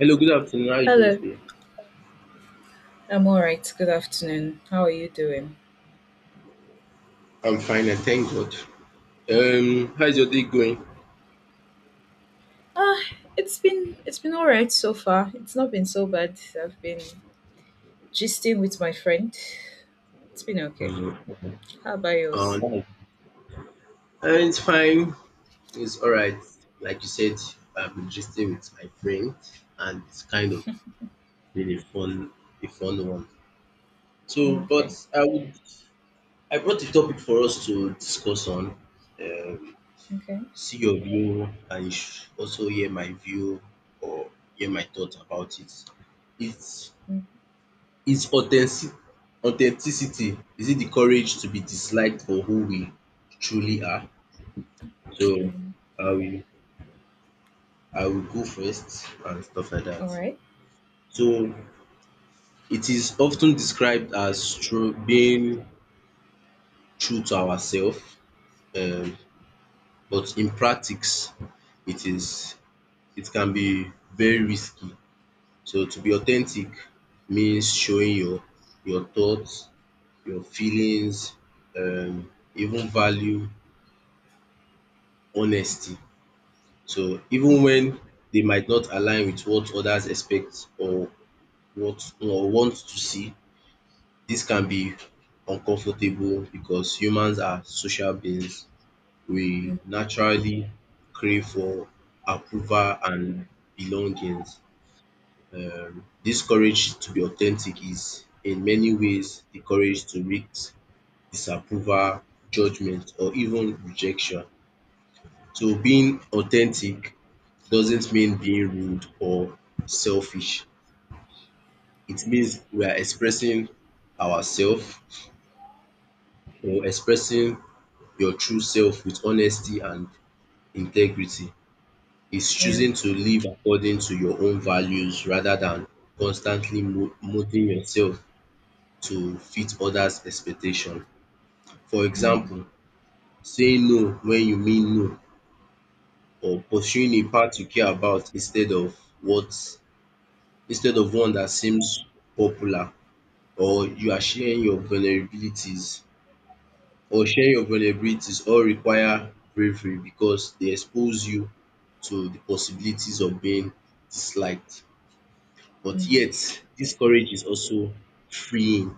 Hello, good afternoon. How are you doing Hello, today? I'm all right. Good afternoon. How are you doing? I'm fine, and thank God. How's your day going? Ah, it's been all right so far. It's not been so bad. I've been gisting with my friend. It's been okay. How about yours? Fine. It's fine. It's all right. Like you said, I've been gisting with my friend, and it's kind of been a fun one. So, but Okay, I would, I brought a topic for us to discuss on. Um, okay. see your view, and you should also hear my view or hear my thoughts about it. It's Mm, Is authenticity, is it the courage to be disliked for who we truly are? So mm. I will I will go first and stuff like All that. right. So it is often described as true being true to ourselves, um, but in practice it is it can be very risky. So to be authentic means showing your thoughts, your feelings, even value, honesty. So even when they might not align with what others expect or want to see, this can be uncomfortable because humans are social beings. We Mm, naturally crave for approval and belongings. This courage to be authentic is in many ways the courage to risk disapproval, judgment, or even rejection. So being authentic doesn't mean being rude or selfish. It means we are expressing ourselves or expressing your true self with honesty and integrity. It's yeah. choosing to live according to your own values rather than constantly molding yourself to fit others' expectation. For Mm, example, saying no when you mean no or pursuing a path you care about instead of one that seems popular or you are sharing your vulnerabilities all require bravery because they expose you to the possibilities of being disliked. But mm, yet this courage is also freeing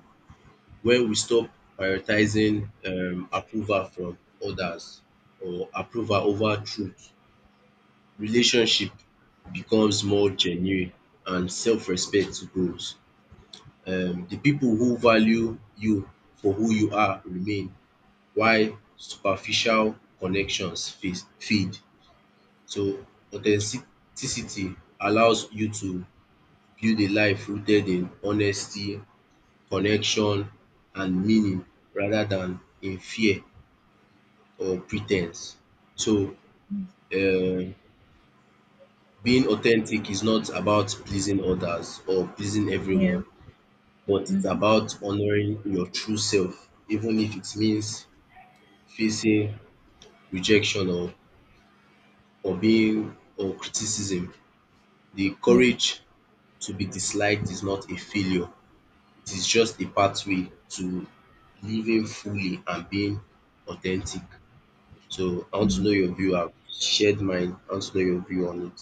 when we stop prioritizing approval from others or approval over truth. Relationship becomes more genuine and self-respect grows. The people who value you for who you are remain while superficial connections fade. So authenticity allows you to build a life rooted in honesty, connection and meaning rather than in fear or pretense. So mm. um being authentic is not about pleasing others or pleasing Yeah. everyone but it's Mm-hmm. about honouring your true self even if it means facing rejection or criticism. The Yeah. courage to be disliked is not a failure. It is just a pathway to living fully and being authentic. So I want to know Mm. your view. I've shared mine. I want to know your view on it.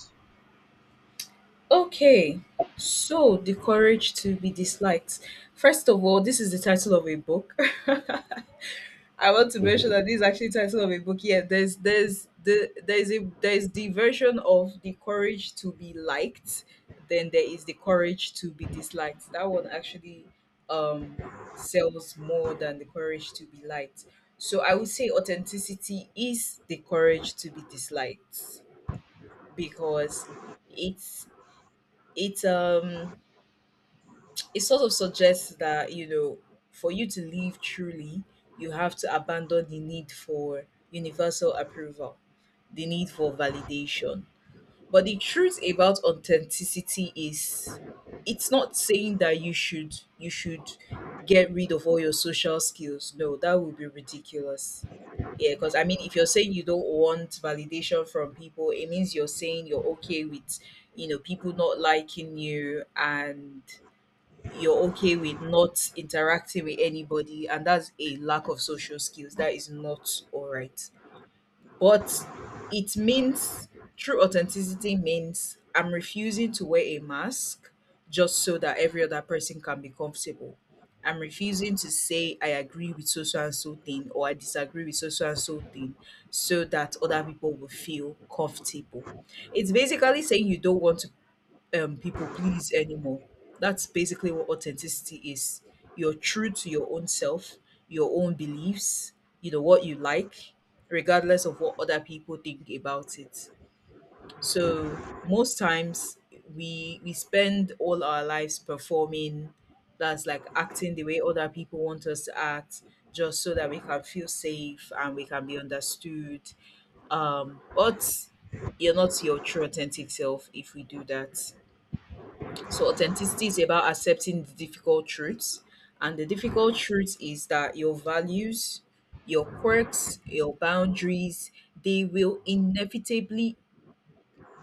Okay. So, the courage to be disliked. First of all, this is the title of a book. I want to mention that this is actually title of a book. Yeah, there's the version of the courage to be liked, then there is the courage to be disliked. That one actually um sells more than the courage to be liked. So I would say authenticity is the courage to be disliked because it's it's um it sort of suggests that for you to live truly, you have to abandon the need for universal approval, the need for validation. But the truth about authenticity is, it's not saying that you should get rid of all your social skills. No, that would be ridiculous. Yeah, because I mean, if you're saying you don't want validation from people, it means you're saying you're okay with, people not liking you, and you're okay with not interacting with anybody, and that's a lack of social skills. That is not all right. But it means, true authenticity means I'm refusing to wear a mask just so that every other person can be comfortable. I'm refusing to say I agree with so so and so thing or I disagree with so so and so thing so that other people will feel comfortable. It's basically saying you don't want to people please anymore. That's basically what authenticity is. You're true to your own self, your own beliefs, you know, what you like, regardless of what other people think about it. So most times we spend all our lives performing, that's like acting the way other people want us to act, just so that we can feel safe and we can be understood. But you're not your true authentic self if we do that. So authenticity is about accepting the difficult truths. And the difficult truth is that your values, your quirks, your boundaries, they will inevitably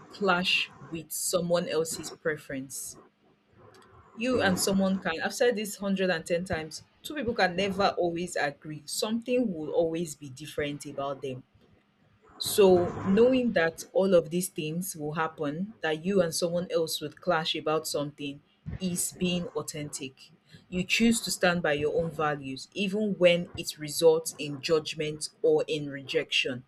clash with someone else's preference. You and someone can, I've said this 110 times, two people can never always agree. Something will always be different about them. So, knowing that all of these things will happen, that you and someone else would clash about something, is being authentic. You choose to stand by your own values, even when it results in judgment or in rejection.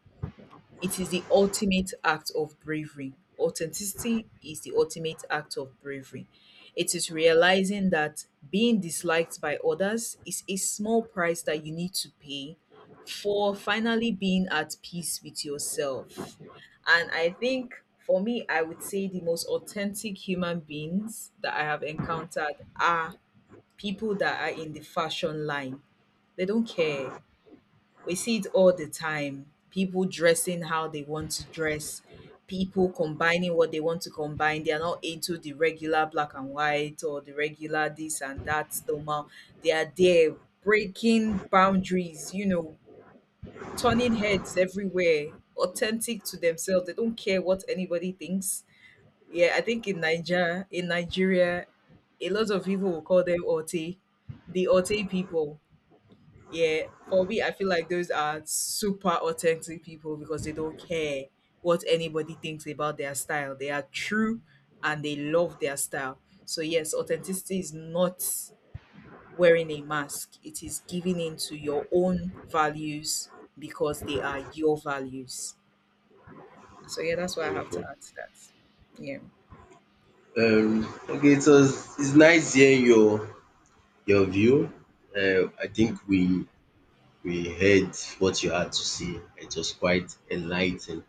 It is the ultimate act of bravery. Authenticity is the ultimate act of bravery. It is realizing that being disliked by others is a small price that you need to pay for finally being at peace with yourself. And I think for me, I would say the most authentic human beings that I have encountered are people that are in the fashion line. They don't care. We see it all the time. People dressing how they want to dress, people combining what they want to combine. They are not into the regular black and white or the regular this and that normal. They are there breaking boundaries, you know, turning heads everywhere, authentic to themselves. They don't care what anybody thinks. Yeah, I think in Nigeria, a lot of people will call them Ote, the Ote people, yeah. For me, I feel like those are super authentic people because they don't care what anybody thinks about their style. They are true and they love their style. So, yes, authenticity is not wearing a mask, it is giving in to your own values because they are your values. So, yeah, that's what I have Okay. to add to that. Yeah. Okay, it's nice hearing your view. I think we heard what you had to say. It was quite enlightening.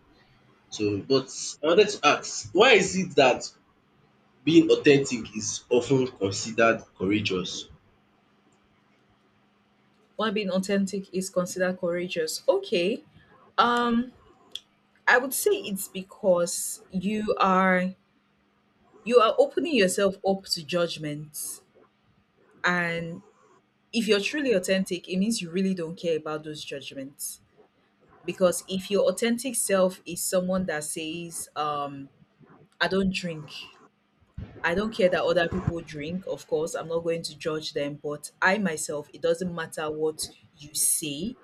So, but I wanted to ask, why is it that being authentic is often considered courageous? Why being authentic is considered courageous. Okay. Um, I would say it's because you are opening yourself up to judgment. And if you're truly authentic, it means you really don't care about those judgments. Because if your authentic self is someone that says, I don't drink, I don't care that other people drink, of course, I'm not going to judge them, but I myself, it doesn't matter what you say,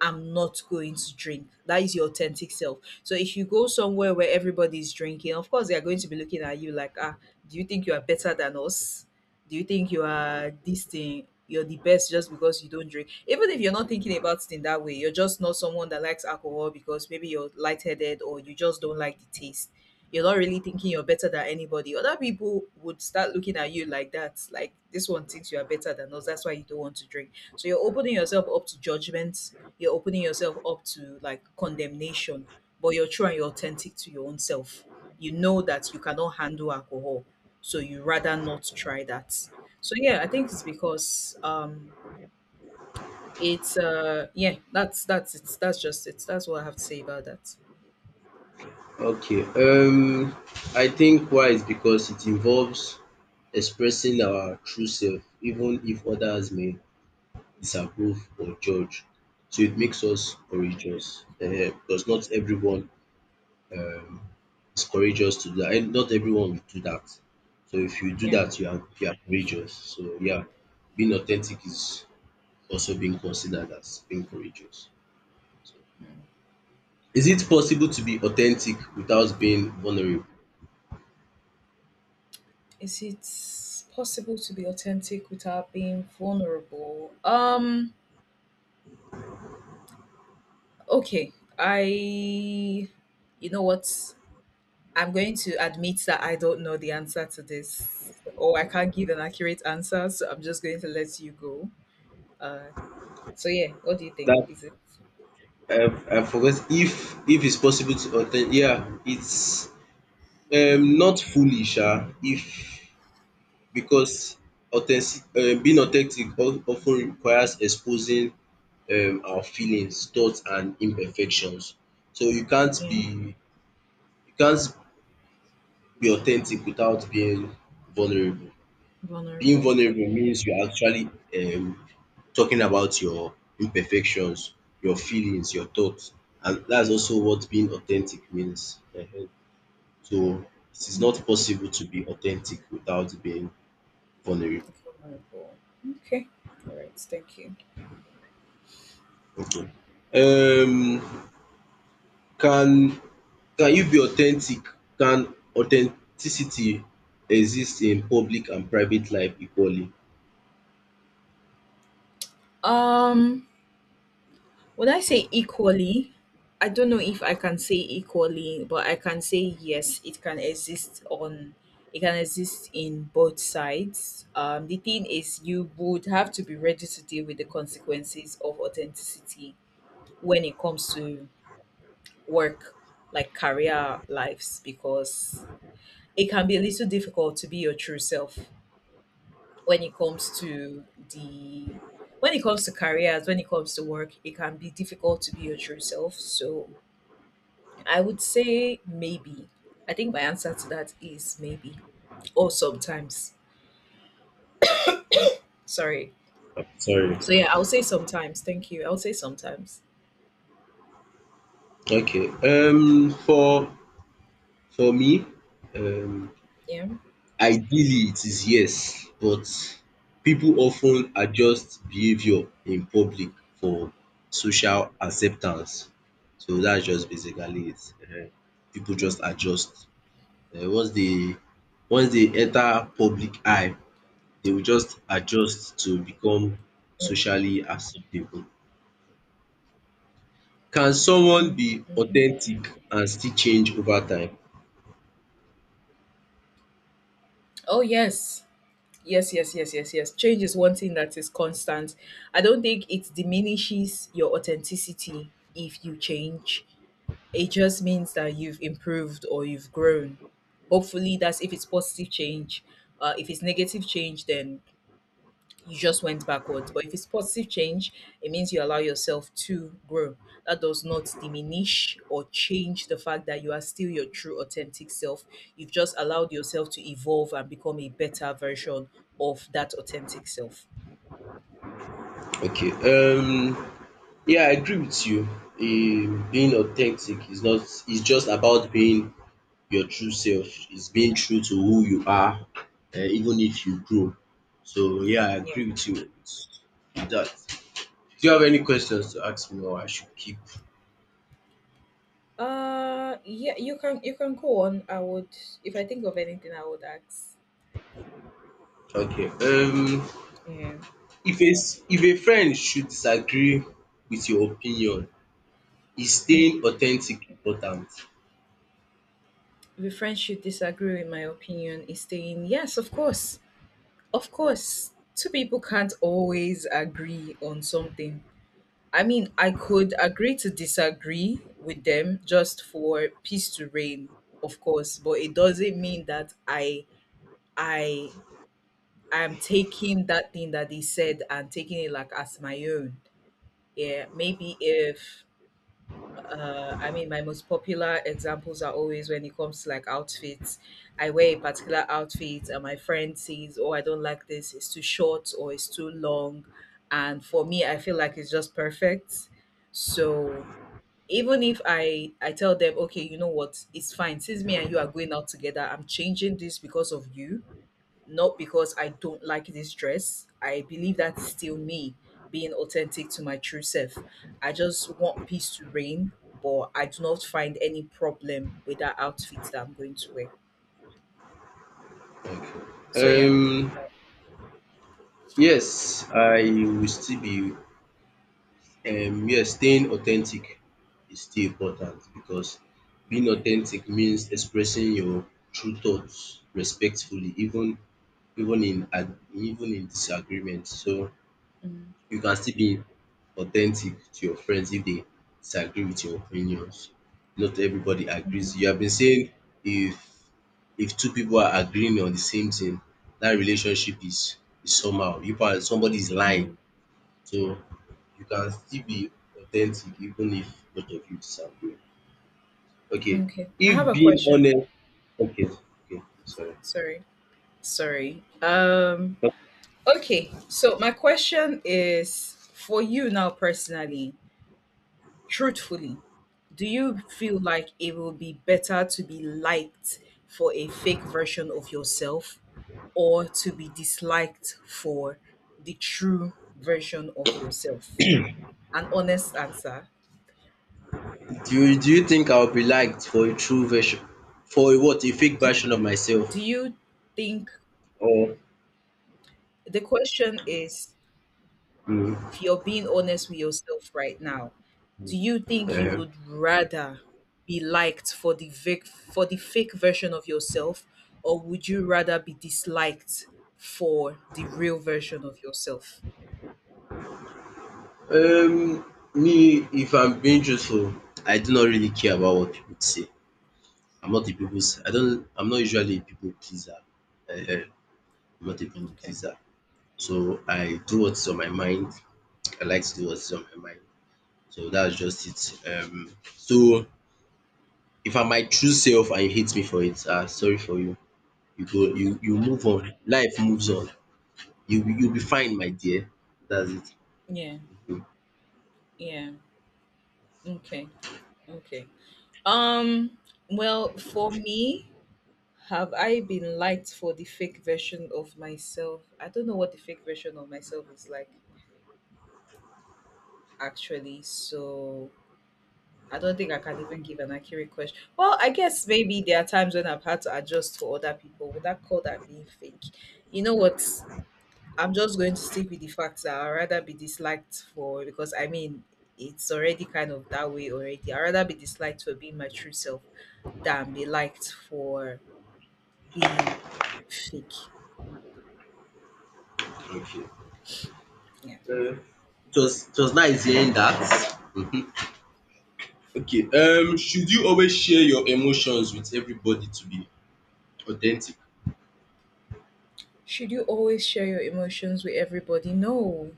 I'm not going to drink. That is your authentic self. So if you go somewhere where everybody's drinking, of course, they are going to be looking at you like, ah, do you think you are better than us? Do you think you are this thing? You're the best just because you don't drink. Even if you're not thinking about it in that way, you're just not someone that likes alcohol, because maybe you're lightheaded or you just don't like the taste, you're not really thinking you're better than anybody. Other people would start looking at you like that, like this one thinks you are better than us. That's why you don't want to drink. So you're opening yourself up to judgment. You're opening yourself up to like condemnation, but you're true and you're authentic to your own self. You know that you cannot handle alcohol, so you rather not try that. So yeah, I think it's because it's yeah, that's just it. That's what I have to say about that. Okay, I think why is because it involves expressing our true self even if others may disapprove or judge. So it makes us courageous because not everyone um is courageous to do that and not everyone will do that. So if you do Yeah. that you are courageous. So yeah, being authentic is also being considered as being courageous. So is it possible to be authentic without being vulnerable? Is it possible to be authentic without being vulnerable? Okay. I, you know what? I'm going to admit that I don't know the answer to this, or I can't give an accurate answer, so I'm just going to let you go. Uh, so yeah, what do you think? That Is it, I forget if it's possible to attend. Yeah, it's not fully sha if because authentic being authentic of ten requires exposing our feelings, thoughts and imperfections. So you can't yeah, be you can't be authentic without being vulnerable. Being vulnerable? Okay. vulnerable means you're actually talking about your imperfections, your feelings, your thoughts and that's also what being authentic means. Ehen. So it is Mm, not possible to be authentic without being vulnerable. vulnerable. Okay, all right. Thank you. Okay. Um, can can you be authentic? Can authenticity exist in public and private life equally? Um. Would I say equally? I don't know if I can say equally, but I can say yes, it can exist in both sides. The thing is, you would have to be ready to deal with the consequences of authenticity when it comes to work, like career lives, because it can be a little difficult to be your true self when it comes to the when it comes to careers, when it comes to work, it can be difficult to be your true self. So I would say maybe. I think my answer to that is maybe or sometimes. Sorry. Sorry. So yeah, I would say sometimes. Thank you. I would say sometimes. Okay. For me, um Yeah. Ideally, it is yes, but people often adjust behavior in public for social acceptance. So that's just basically it. Ehen. People just adjust. um Once they once they enter public eye, they will just adjust to become socially acceptable. Can Mm-hmm. someone be Mm-hmm. authentic and still change over time? Oh yes. Yes, yes, yes, yes, yes. Change is one thing that is constant. I don't think it diminishes your authenticity if you change. It just means that you've improved or you've grown. Hopefully, that's if it's positive change. If it's negative change, then you just went backwards. But if it's positive change, it means you allow yourself to grow. That does not diminish or change the fact that you are still your true authentic self. You've just allowed yourself to evolve and become a better version of that authentic self. Okay, Yeah, I agree with you. Being authentic is not it's just about being your true self. It's being true to who you are, even if you grow. So yeah, I Yeah. agree with you with that. Do you have any questions to ask me, or I should keep? Yeah, you can go on. I would, if I think of anything I would ask. Okay. Um, Yeah. if a s- if a friend should disagree with your opinion, is Mm. staying authentic important? If a friend should disagree with my opinion is staying, yes, of course. Of course, two people can't always agree on something. I mean, I could agree to disagree with them just for peace to reign, of course, but it doesn't mean that I am taking that thing that they said and taking it like as my own. Yeah, maybe if, I mean, my most popular examples are always when it comes to like outfits. I wear a particular outfit, and my friend sees, oh, I don't like this, it's too short or it's too long. And for me, I feel like it's just perfect. So even if I tell them, okay, you know what, it's fine. Since me and you are going out together, I'm changing this because of you, not because I don't like this dress. I believe that's still me being authentic to my true self. I just want peace to reign, but I do not find any problem with that outfit that I'm going to wear. So Okay. yeah. Um, yes, I will still be yes, staying authentic is still important because being Yeah. authentic means expressing your true thoughts respectfully even in disagreement. So Mm, you can still be authentic to your friends if they disagree with your opinions. Not everybody agrees. mhm, You have been saying if if two people are agreeing on the same thing, that relationship is somehow. You and somebody is yeah. lying so you can still be authentic even if both of you disagree. Okay. Okay. I If have a being question. honest okay, Okay, sorry. Sorry. Sorry. Um Do okay. So my question is for you now personally, truthfully, do you feel like it will be better to be liked for a fake version of yourself, or to be disliked for the true version of yourself? An honest answer. do you think I'll be liked for a what? A fake Do, version of myself? do you think, Or the question is, mm, if you're being honest with yourself right now, do you think you um, would rather be liked for for the fake version of yourself, or would you rather be disliked for the real version of yourself? um me if I'm being truthful, I do not really care about what people say. I'm not usually a people pleaser. I'm not a people Okay. pleaser. So I do what's on my mind. I like to do what's on my mind. So that's just it. So if I'm my true self and you hate me for it, sorry for you. You go you you move on. Life moves on. You'll be fine my dear. That's it. Yeah. Mhm. Yeah. Okay. Okay. Um. Well, for me, have I been liked for the fake version of myself? I don't know what the fake version of myself is like, actually. So I don't think I can even give an accurate question. Well, I guess maybe there are times when I've had to adjust to other people. Would I call that being fake? You know what? I'm just going to stick with the fact that I'd rather be disliked for, because I mean it's already kind of that way already. I'd rather be disliked for being my true self than be liked for being fake. Okay. Yeah. Uh, it was nice hearing that. Mhm. Okay. Should you always share your emotions with everybody to be authentic? Should you always share your emotions with everybody? No.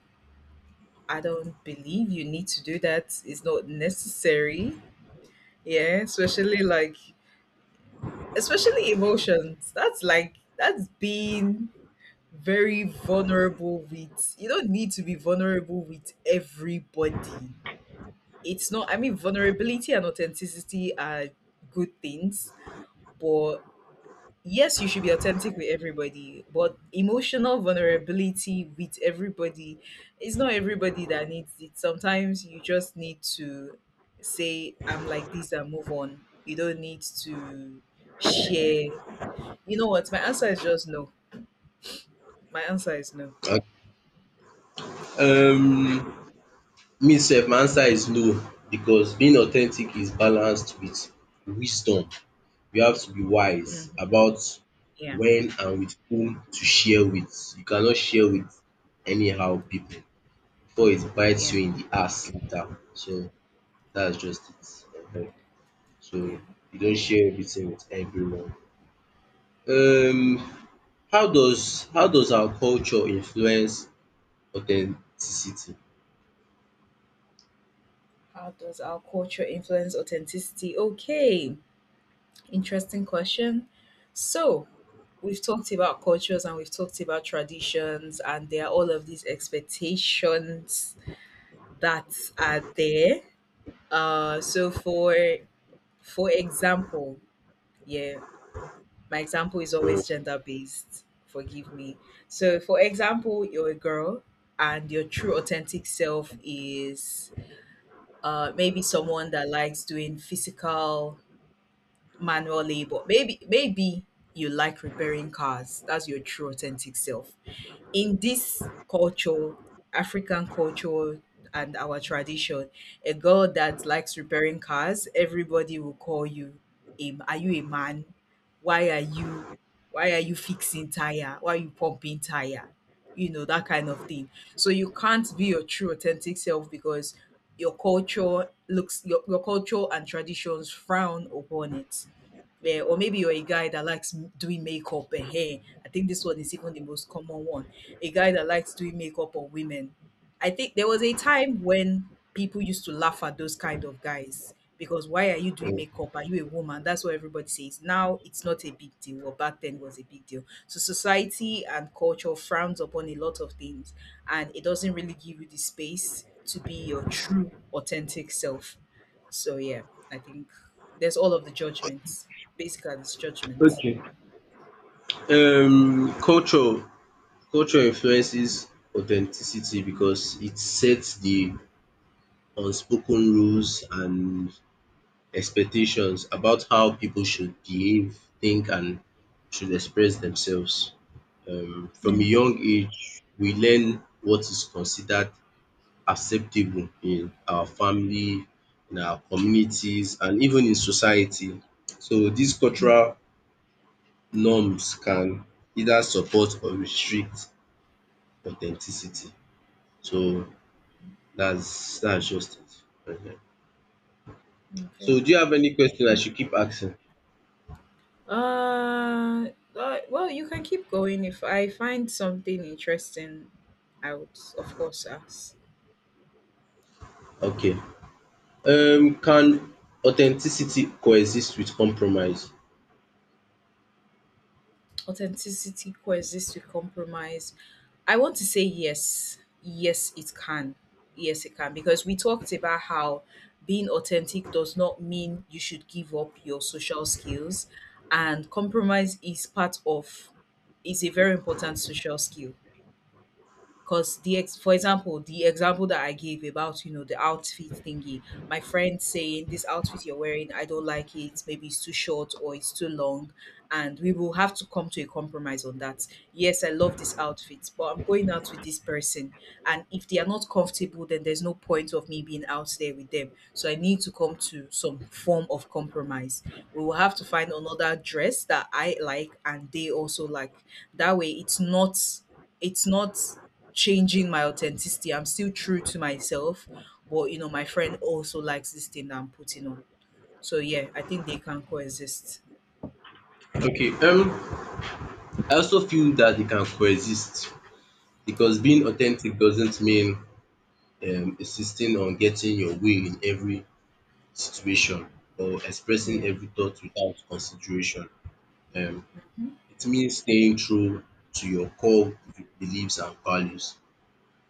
I don't believe you need to do that. It's not necessary. Yeah, especially like especially emotions. That's like that's being very vulnerable with, you don't need to be vulnerable with everybody. It's not, I mean vulnerability and authenticity are good things, but yes, you should be authentic with everybody, but emotional vulnerability with everybody, it's not everybody that needs it. Sometimes you just need to say, I'm like this, and move on. You don't need to share. You know what? My answer is just no. My answer is no. Yeah. Um me sef my answer is no because being authentic is balanced with wisdom. You have to be wise Mhm. about Yeah. when and with whom to share with. You cannot share with anyhow people before it bites Yeah. you in the ass later. So that's just it. Ehen. So Yeah. you don't share everything with everyone. Um how does our culture influence authenticity? How does our culture influence authenticity? Okay. Interesting question. So, we've talked about cultures and we've talked about traditions and there are all of these expectations that are there. So, for example, yeah, my example is Mm, always gender based, forgive me. So for example, you're a girl and your true authentic self is maybe someone that likes doing physical manual labor, maybe you like repairing cars. That's your true authentic self. In this culture, African culture and our tradition, a girl that likes repairing cars, everybody will call you, a, are you a man? Why are you fixing tire? Why are you pumping tire? You know, that kind of thing. So you can't be your true authentic self because your culture looks your culture and traditions frown upon it. Yeah, or maybe you're a guy that likes doing makeup and hair. I think this one is even the most common one, a guy that likes doing makeup on women. I think there was a time when people used to laugh at those kind of guys because why are you doing mm. makeup? Are you a woman? That's what everybody says. Now it's not a big deal. Well, back then it was a big deal. So society and culture frowns upon a lot of things and it doesn't really give you the space to be your true, authentic self. So yeah, I think there's all of the judgments. Basically, it's judgment. um culture Culture influences authenticity because it sets the unspoken rules and expectations about how people should behave, think, and should express themselves. From a Yeah. young age, we learn what is considered acceptable in our family, in our communities, and even in society. So these cultural norms can either support or restrict authenticity. So that's just it. Mhm. Okay. So do you have any question I should keep asking? Uh, well, you can keep going. If I find something interesting, I would, of course, ask. Okay. Can authenticity coexist with compromise? Authenticity coexists with compromise. I want to say yes. Yes, it can. Yes, it can. Because we talked about how being authentic does not mean you should give up your social skills, and compromise is part of is a very important social skill. 'Cause the ex for example, the example that I gave about, you know, the outfit thingy, my friend saying, "This outfit you're wearing, I don't like it. Maybe it's too short or it's too long." And we will have to come to a compromise on that. Yes, I love this outfit, but I'm going out with this person. And if they are not comfortable, then there's no point of me being out there with them. So I need to come to some form of compromise. We will have to find another dress that I like and they also like. That way it's not changing my authenticity. I'm still true to myself, but you know, my friend also likes this thing that I'm putting on. So yeah, I think they can coexist. Okay, I also feel that they can coexist because being authentic doesn't mean insisting on getting your way in every situation or expressing Yeah. every thought without consideration. Um, Mhm. it means staying true to your core beliefs and values,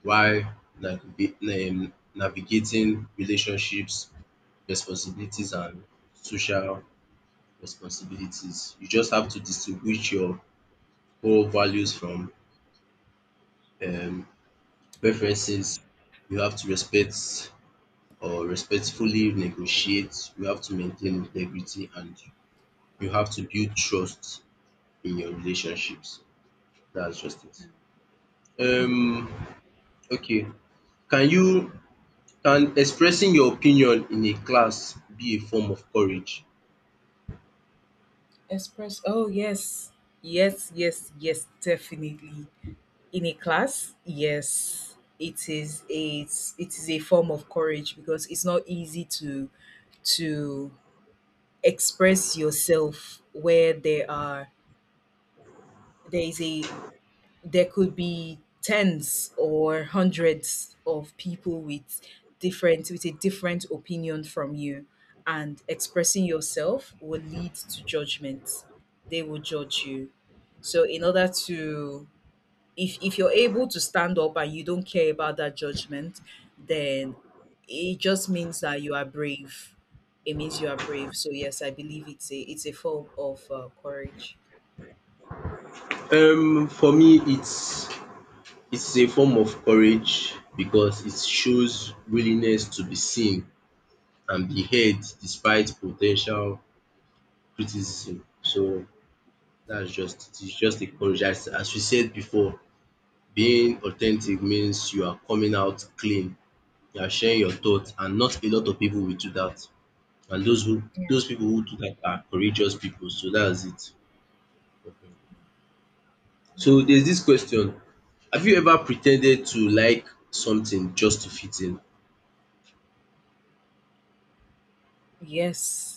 while navigating relationships, responsibilities and social responsibilities. You just have to distinguish your core values from um preferences. You have to respectfully negotiate. You have to maintain integrity and you have to build trust in your relationships. That's just it. Um Mm. okay, can you Can expressing your opinion in a class be a form of courage? Express. Oh yes, yes, definitely. In a class, yes, it is a it is a form of courage because it's not easy to express yourself where there is a there could be tens or hundreds of people with different with a different opinion from you, and expressing yourself will lead to judgment, they will judge you. So in order to, if you're able to stand up and you don't care about that judgment, then it just means that you are brave, it means you are brave. So yes, I believe it's a form of courage. For me it's a form of courage because it shows willingness to be seen and be heard despite potential criticism. So that's just It's just a courage. As we said before, being authentic means you are coming out clean, you are sharing your thoughts, and not a lot of people will do that. And those people who do that are courageous people. So that's it. So there's this question, have you ever pretended to like something just to fit in? Yes.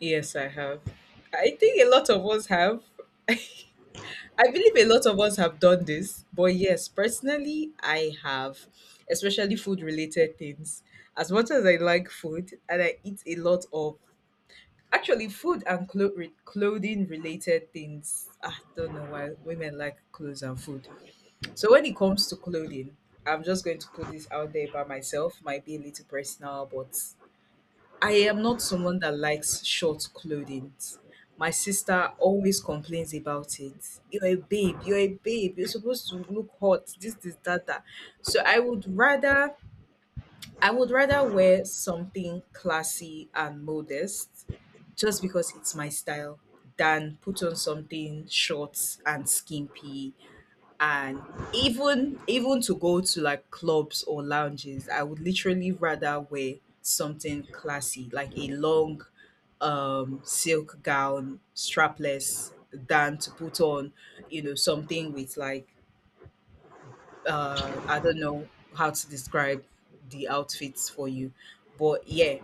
Yes, I have. I think a lot of us have. I believe a lot of us have done this, but yes, personally, I have, especially food related things. As much as I like food and I eat a lot of actually food and clothing related things, I don't know why women like clothes and food. So when it comes to clothing, I'm just going to put this out there by myself, might be a little personal, but I am not someone that likes short clothing. My sister always complains about it. You're a babe, you're a babe, you're supposed to look hot, this, that, that. So I would rather wear something classy and modest just because it's my style than put on something short and skimpy, and even to go to like clubs or lounges, I would literally rather wear something classy, like a long silk gown strapless, than to put on you know something with like I don't know how to describe the outfits for you. But yeah,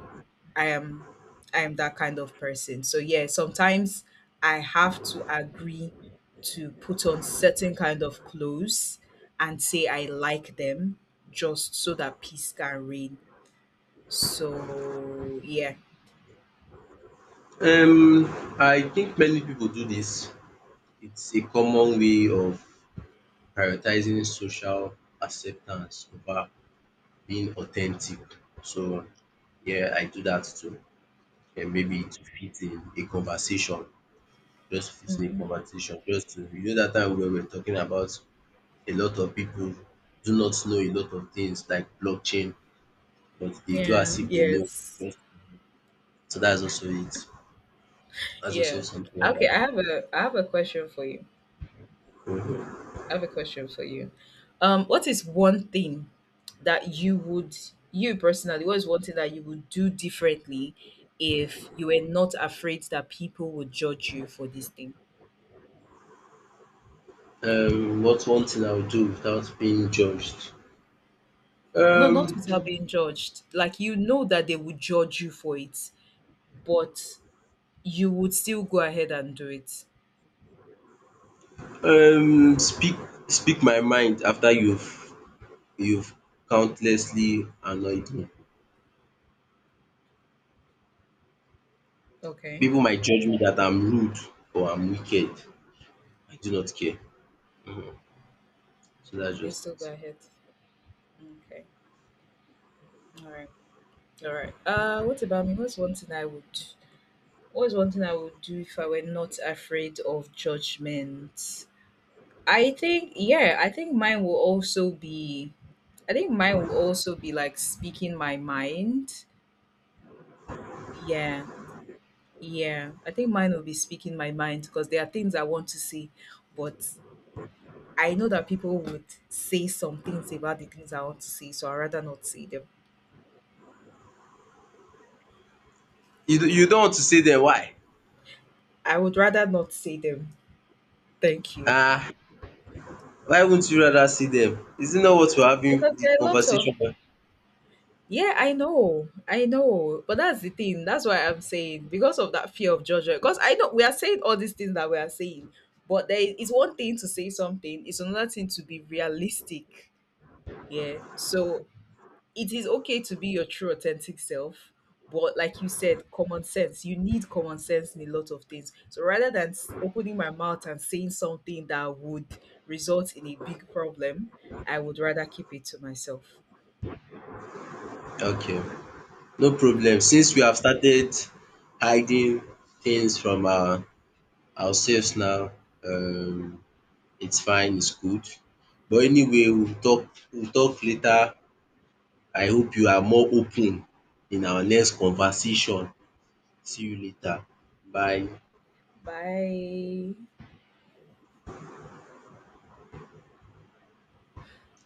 I am I am that kind of person. So yeah, sometimes I have to agree to put on certain kind of clothes and say I like them just so that peace can reign. So yeah. I think many people do this. It's a common way of prioritizing social acceptance over being authentic. So yeah, I do that too. And maybe to fit in a conversation, just to fit in a Mhm. conversation, just to that time when we were talking about a lot of people do not know a lot of things like blockchain but they do Yeah, as if they know. yes. So that's also it. That's also Yeah. something like Okay, that. I have a question for you. Mhm. I have a question for you. What is one thing that you would, you personally, what is one thing that you would do differently if you were not afraid that people would judge you for this thing? What's one thing I would do without being judged? No, Um, not without being judged. Like you know that they would judge you for it, but you would still go ahead and do it. um, speak speak my mind after you've countlessly annoyed me. Okay, People might judge me that I'm rude or I'm wicked. I do not care. Mhm. So that's you just still go it. ahead. Okay, all right, all right. What about me? What's one thing I would? What's one thing I would do if I were not afraid of judgment? I think, yeah, I think mine will also be, I think mine will also be like speaking my mind. Yeah, yeah. I think mine will be speaking my mind because there are things I want to say, but I know that people would say some things about the things I want to say, so I'd rather not say them. You don't want to say them why? I would rather not say them. Thank you. Ah, why wouldn't you rather see them? Is it not what we're having Because the there are lots of— conversation about? yeah, I know. I know. But that's the thing. That's why I'm saying, because of that fear of judgment. Because I know we are saying all these things that we are saying, but there is one thing to say something, it's another thing to be realistic. Yeah. So it is okay to be your true authentic self. But like you said, common sense. You need common sense in a lot of things. So rather than opening my mouth and saying something that would result in a big problem, I would rather keep it to myself. Okay. No Yeah. problem. Since we have started hiding things from ourselves now, um it's fine, it's good. But anyway, we'll talk later. I hope you are more open in our next conversation. See you later. Bye. Bye.